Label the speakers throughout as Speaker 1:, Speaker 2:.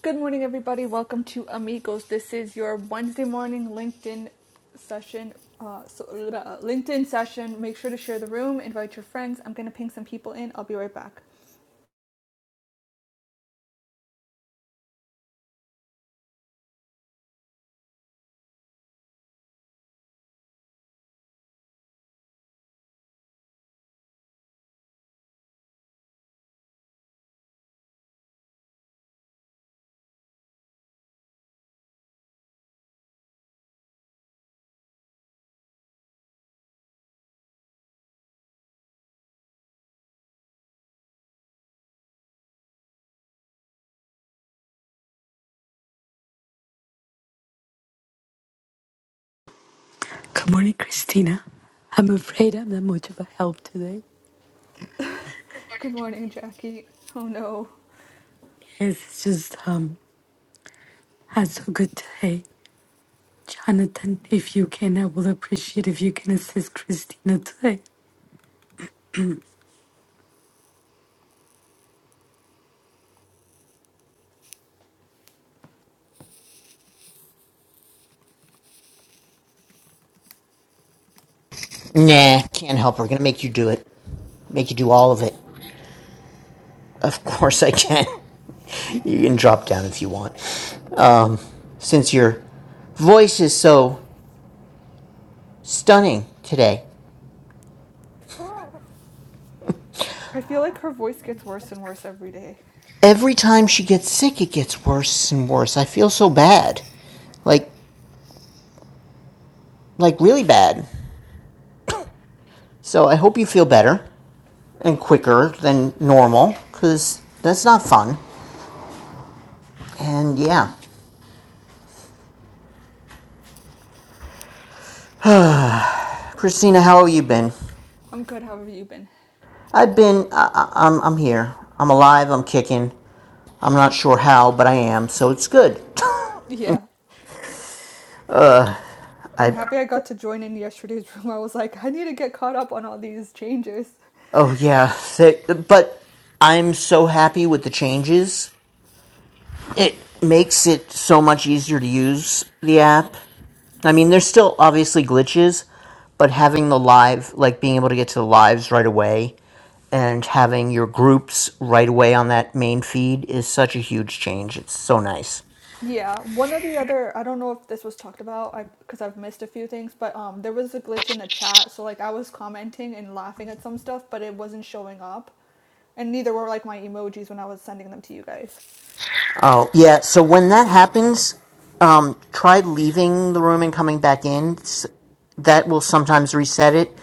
Speaker 1: Good morning, everybody. Welcome to Amigos. This is your Wednesday morning LinkedIn session. Uh, so, uh, LinkedIn session. Make sure to share the room. Invite your friends. I'm gonna ping some people in. I'll be right back.
Speaker 2: Good morning, Christina. I'm afraid I'm not much of a help today.
Speaker 1: Good morning, Jackie. Oh no,
Speaker 2: Yes, It's just um had so good today. Jonathan, if you can, I will appreciate if you can assist Christina today.
Speaker 3: Nah, can't help her. Gonna make you do it. Make you do all of it. Of course I can. You can drop down if you want. Um, since your voice is so stunning today.
Speaker 1: I feel like her voice gets worse and worse every day.
Speaker 3: Every time she gets sick, it gets worse and worse. I feel so bad. Like, like really bad. So I hope you feel better and quicker than normal, because that's not fun. And yeah. Christina, how have you been?
Speaker 1: I'm good. How have you been?
Speaker 3: I've been, I, I, I'm, I'm here. I'm alive, I'm kicking. I'm not sure how, but I am, so it's good.
Speaker 1: Yeah, I'm
Speaker 3: I
Speaker 1: happy I got to join in yesterday's room. I was like, I need to get caught up on all these changes.
Speaker 3: oh yeah, th- but I'm so happy with the changes. It makes it so much easier to use the app. I mean, there's still obviously glitches, but having the live, like being able to get to the lives right away and having your groups right away on that main feed is such a huge change. It's so nice.
Speaker 1: Yeah, one of the other I don't know if this was talked about I because I've missed a few things, but um there was a glitch in the chat, so like I was commenting and laughing at some stuff, but it wasn't showing up. And neither were like my emojis when I was sending them to you guys.
Speaker 3: Oh, yeah. So when that happens, um, try leaving the room and coming back in. S- That will sometimes reset it.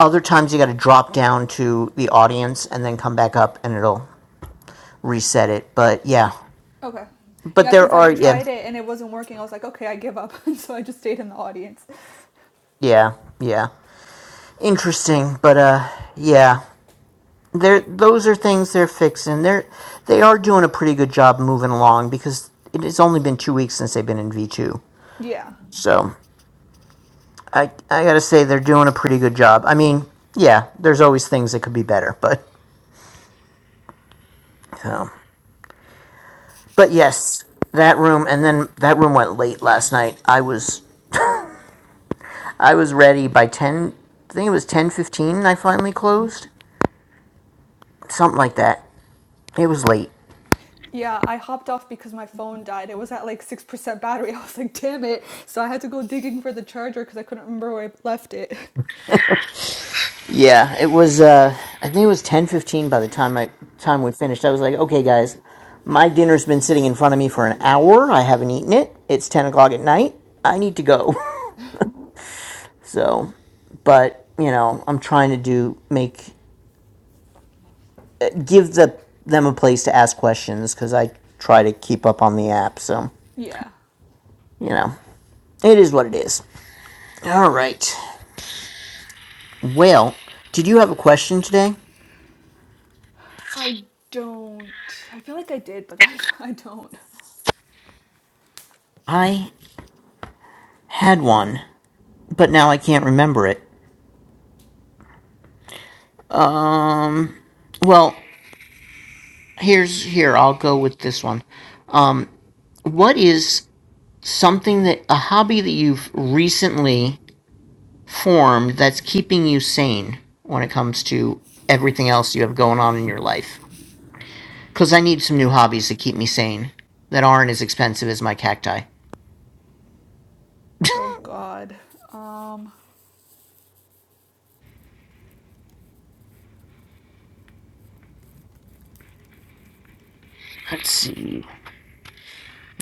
Speaker 3: Other times you got to drop down to the audience and then come back up and it'll reset it. But yeah.
Speaker 1: Okay.
Speaker 3: But
Speaker 1: Yeah,
Speaker 3: there
Speaker 1: cuz I
Speaker 3: are yeah.
Speaker 1: tried it and it wasn't working. I was like, "Okay, I give up." and so I just stayed in the audience.
Speaker 3: Yeah. Yeah. Interesting, but uh yeah. There those are things they're fixing. They're they are doing a pretty good job moving along because it has only been 2 weeks since they've been in V2.
Speaker 1: Yeah.
Speaker 3: So I I gotta say they're doing a pretty good job. I mean, yeah, there's always things that could be better, but um, but yes, that room and then that room went late last night. I was I was ready by ten. I think it was ten fifteen. I finally closed something like that. It was late.
Speaker 1: Yeah, I hopped off because my phone died. It was at like 6% battery. I was like, "Damn it." So I had to go digging for the charger cuz I couldn't remember where I left it.
Speaker 3: Yeah, it was. Uh, I think it was ten fifteen by the time I time we finished. I was like, okay, guys, my dinner's been sitting in front of me for an hour. I haven't eaten it. It's ten o'clock at night. I need to go. So, but you know, I'm trying to do make give the them a place to ask questions because I try to keep up on the app. So,
Speaker 1: Yeah.
Speaker 3: you know, it is what it is. All right. Well, did you have a question today?
Speaker 1: I don't. I feel like I did, but I, I don't.
Speaker 3: I had one, but now I can't remember it. Well, here's here. I'll go with this one. Um, what is something that a hobby that you've recently form that's keeping you sane when it comes to everything else you have going on in your life. Because I need some new hobbies to keep me sane that aren't as expensive as my cacti.
Speaker 1: Oh God. Um.
Speaker 3: Let's see.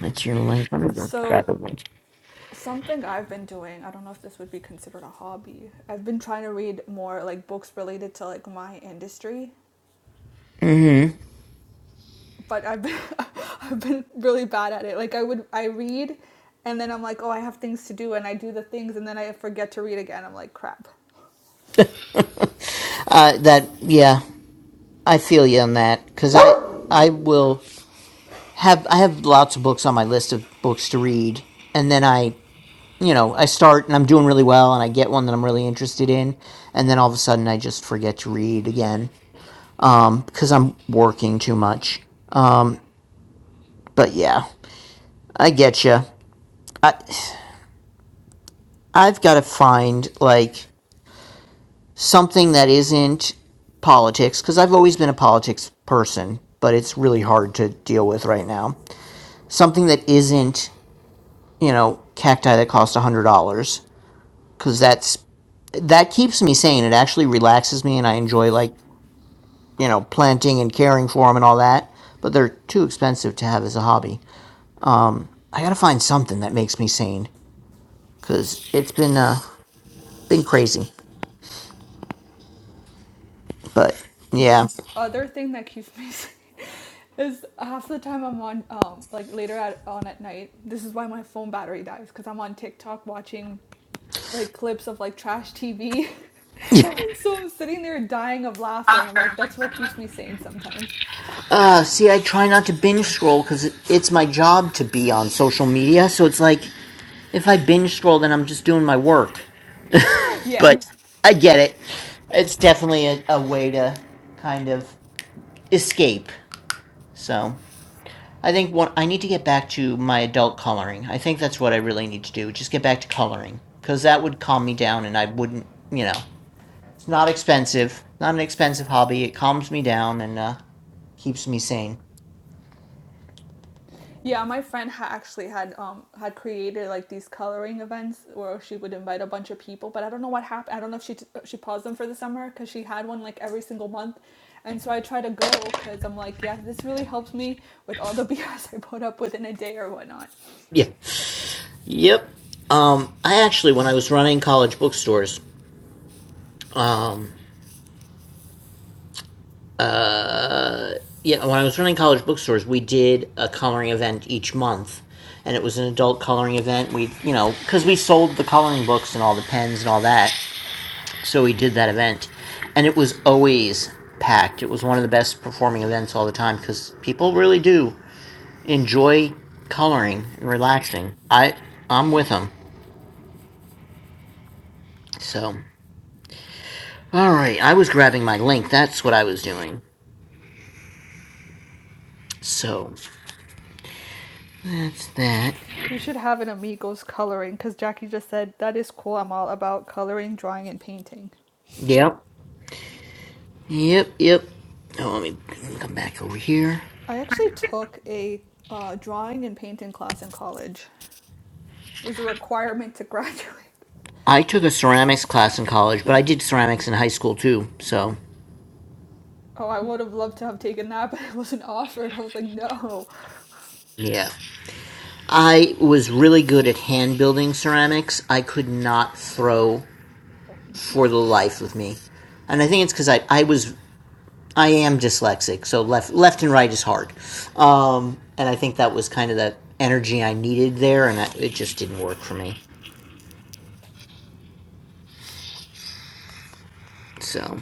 Speaker 3: That's your link. I'm gonna grab
Speaker 1: So
Speaker 3: a link.
Speaker 1: something I've been doing. I don't know if this would be considered a hobby. I've been trying to read more like books related to like my industry,
Speaker 3: Mm-hmm.
Speaker 1: but I've been I've been really bad at it. Like I would I read, and then I'm like, oh, I have things to do, and I do the things, and then I forget to read again. I'm like, crap.
Speaker 3: Uh, that yeah, I feel you on that because I I will have I have lots of books on my list of books to read, and then I you know I start and I'm doing really well, and I get one that I'm really interested in, and then all of a sudden I just forget to read again um, because I'm working too much. But yeah, I get you. I I've got to find like something that isn't politics because I've always been a politics person, but it's really hard to deal with right now. Something that isn't you know cacti that cost a hundred dollars because that's that keeps me sane. It actually relaxes me, and I enjoy like you know planting and caring for them and all that. But they're too expensive to have as a hobby. I gotta find something that makes me sane. because it's been uh been crazy. But
Speaker 1: the
Speaker 3: yeah,
Speaker 1: other thing that keeps me sane is half the time I'm on um like later at on at night. This is why my phone battery dies because I'm on TikTok watching like clips of like trash TV.
Speaker 3: yeah.
Speaker 1: and so I'm sitting there dying of laughter and I'm like that's what keeps me sane sometimes.
Speaker 3: uh, see, I try not to binge scroll because it, it's my job to be on social media. So it's like if I binge scroll, then I'm just doing my work.
Speaker 1: Yeah.
Speaker 3: But I get it. It's definitely a, a way to kind of escape. So I think one, I need to get back to my adult coloring. I think that's what I really need to do. Just get back to coloring because that would calm me down, and I wouldn't, you know. Not expensive. Not an expensive hobby. It calms me down and uh, keeps me sane.
Speaker 1: Yeah, my friend ha- actually had um had created like these coloring events where she would invite a bunch of people, but I don't know what happened. I don't know if she t- uh, she paused them for the summer because she had one like every single month, and so I try to go because I'm like, yeah, this really helps me with all the BS I put up within a day or whatnot.
Speaker 3: Yeah. Yep. Um, I actually, when I was running college bookstores, yeah, when I was running college bookstores, we did a coloring event each month, and it was an adult coloring event. We, you know, because we sold the coloring books and all the pens and all that, so we did that event, and it was always packed. It was one of the best performing events all the time because people really do enjoy coloring and relaxing. I I'm with them. So, all right. I was grabbing my link. That's what I was doing. So that's that.
Speaker 1: We should have an amigos coloring because Jackie just said that is cool. I'm all about coloring, drawing, and painting.
Speaker 3: Yep. Yep. Yep. Oh, let me come back over here.
Speaker 1: I actually took a uh, drawing and painting class in college. It was a requirement to graduate.
Speaker 3: I took a ceramics class in college, but I did ceramics in high school too. So
Speaker 1: Oh, I would have loved to have taken that, but it wasn't offered. I was like, no.
Speaker 3: yeah, I was really good at hand building ceramics. I could not throw for the life of me, and I think it's because I I was I am dyslexic, so left left and right is hard. Um, and I think that was kind of that energy I needed there, and that, it just didn't work for me. So,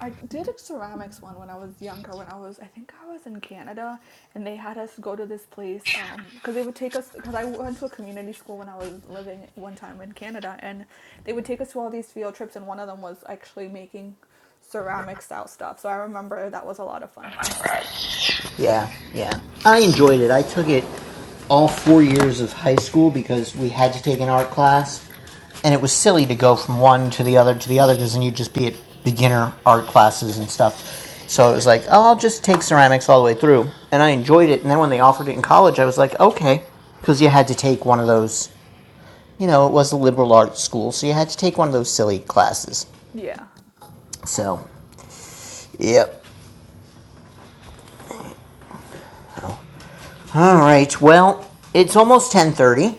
Speaker 1: I did a ceramics one when I was younger, when I was, I think I was in Canada, and they had us go to this place Um, because they would take us, because I went to a community school when I was living one time in Canada, and they would take us to all these field trips, and one of them was actually making ceramic style stuff. So I remember that was a lot of fun for us.
Speaker 3: yeah, yeah, I enjoyed it. I took it all four years of high school because we had to take an art class, and it was silly to go from one to the other to the other because then you'd just be at beginner art classes and stuff. So it was like, oh, I'll just take ceramics all the way through, and I enjoyed it. And then when they offered it in college, I was like, okay, because you had to take one of those you know, it was a liberal arts school, so you had to take one of those silly classes.
Speaker 1: Yeah.
Speaker 3: So, yep. All right. Well, it's almost ten thirty,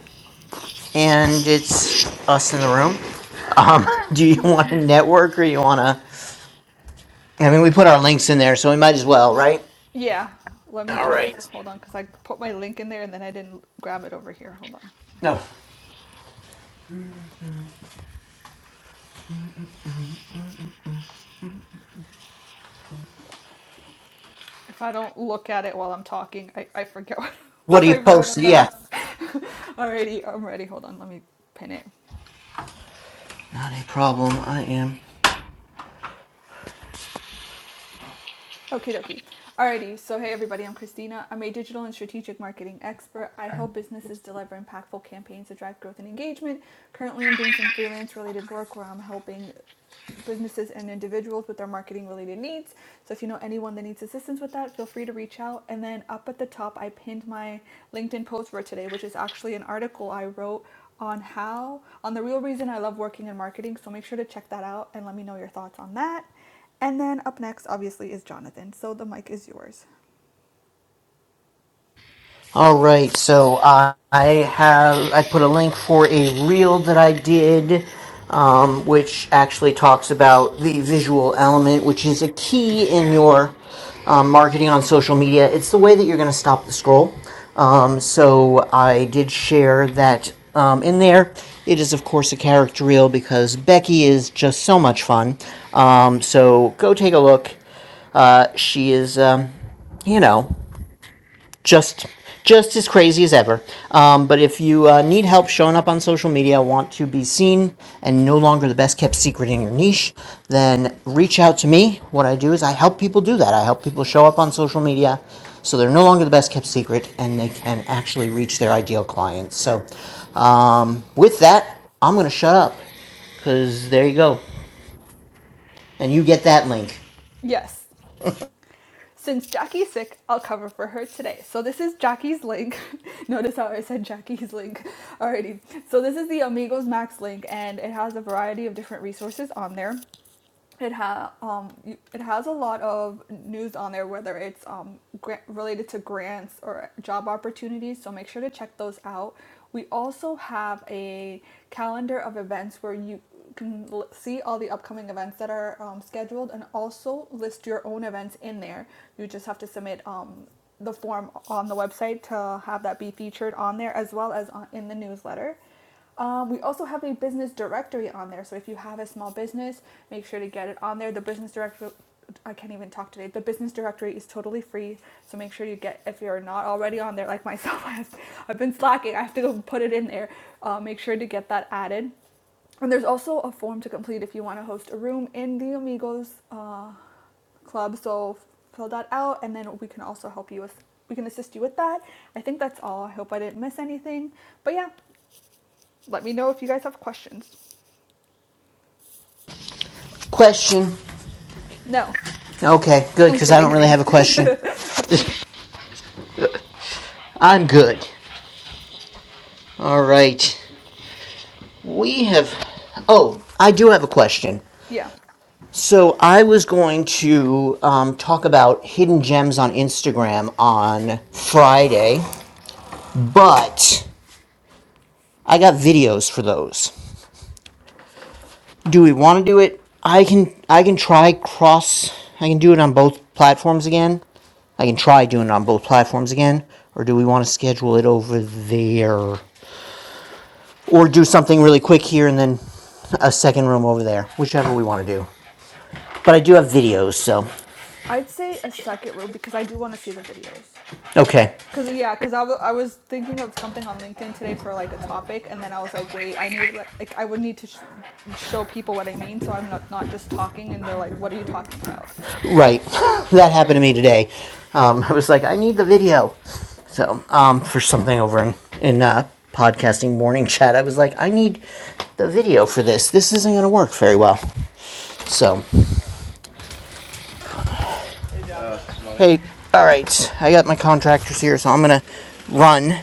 Speaker 3: and it's us in the room. Um, do you want to network or you want to? I mean, we put our links in there, so we might as well, right?
Speaker 1: Yeah. Let me
Speaker 3: All
Speaker 1: just
Speaker 3: right.
Speaker 1: hold on because I put my link in there and then I didn't grab it over here. Hold on.
Speaker 3: No.
Speaker 1: If I don't look at it while I'm talking, I, I forget what,
Speaker 3: What do
Speaker 1: what I
Speaker 3: you
Speaker 1: wrote
Speaker 3: post?
Speaker 1: about.
Speaker 3: Yeah.
Speaker 1: Alrighty, I'm ready. Hold on, let me pin it.
Speaker 3: Not a problem. I am
Speaker 1: Okie dokie. Alrighty, so hey everybody, I'm Christina. I'm a digital and strategic marketing expert. I help businesses deliver impactful campaigns to drive growth and engagement. Currently, I'm doing some freelance related work where I'm helping businesses and individuals with their marketing related needs. So if you know anyone that needs assistance with that, feel free to reach out. And then up at the top, I pinned my LinkedIn post for today, which is actually an article I wrote on how, on the real reason I love working in marketing. So make sure to check that out and let me know your thoughts on that. And then up next, obviously, is Jonathan. So the mic is yours.
Speaker 3: All right, so uh, I have I put a link for a reel that I did, um, which actually talks about the visual element, which is a key in your um, marketing on social media. It's the way that you're going to stop the scroll. Um, so I did share that um, in there. It is of course a character reel because Becky is just so much fun. Um, so go take a look. Uh, she is, um, you know just just as crazy as ever. Um, but if you uh, need help showing up on social media, want to be seen, and no longer the best kept secret in your niche, then reach out to me. What I do is I help people do that. I help people show up on social media so they're no longer the best kept secret and they can actually reach their ideal clients. So, um, with that, I'm going to shut up because there you go. And you get that link.
Speaker 1: Yes. Since Jackie's sick, I'll cover for her today. So this is Jackie's link. Notice how I said Jackie's link. Alrighty. So this is the Amigos Max link and it has a variety of different resources on there it ha- um, it has a lot of news on there, whether it's um, gra- related to grants or job opportunities. So make sure to check those out. We also have a calendar of events where you can l- see all the upcoming events that are um, scheduled and also list your own events in there. You just have to submit um, the form on the website to have that be featured on there as well as on, in the newsletter. Um, we also have a business directory on there. So if you have a small business, make sure to get it on there. The business directory, I can't even talk today. The business directory is totally free. So make sure you get, if you're not already on there, like myself, I have, I've been slacking. I have to go put it in there. Uh, make sure to get that added. And there's also a form to complete if you want to host a room in the Amigos uh, club. So fill that out, and then we can also help you with. We can assist you with that. I think that's all. I hope I didn't miss anything. But yeah, let me know if you guys have questions.
Speaker 3: Question.
Speaker 1: No,
Speaker 3: Okay, good,
Speaker 1: I'm
Speaker 3: because I don't
Speaker 1: kidding.
Speaker 3: really have a question. I'm good. All right. We have. Oh, I do have a question.
Speaker 1: yeah,
Speaker 3: So I was going to um, talk about hidden gems on Instagram on Friday, but I got videos for those. Do we want to do it? I can. I can try cross. I can do it on both platforms again. I can try doing it on both platforms again, or do we want to schedule it over there, or do something really quick here and then a second room over there, whichever we want to do. But I do have videos, so.
Speaker 1: I'd say a second row because I do want to see the videos.
Speaker 3: Okay,
Speaker 1: Cause yeah, cause I, w- I was thinking of something on LinkedIn today for like a topic, and then I was like, wait, I need like, like I would need to sh- show people what I mean, so I'm not not just talking, and they're like, what are you talking about?
Speaker 3: right. that happened to me today. Um, I was like, I need the video. So, um, for something over in, in uh, podcasting morning chat, I was like, I need the video for this. This isn't going to work very well. So, hey, all right. I got my contractors here, so I'm going to run.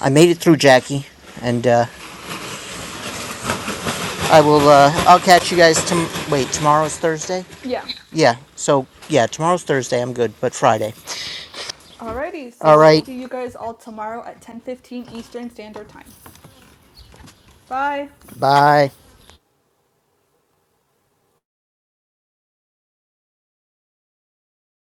Speaker 3: I made it through Jackie, and uh, I will, uh, I'll catch you guys. Tom- Wait, tomorrow's Thursday?
Speaker 1: Yeah.
Speaker 3: Yeah, so, yeah, tomorrow's Thursday. I'm good, but Friday.
Speaker 1: Alrighty, so
Speaker 3: All
Speaker 1: we'll
Speaker 3: right,
Speaker 1: see you guys all tomorrow at 10:15 Eastern Standard Time. Bye.
Speaker 3: bye.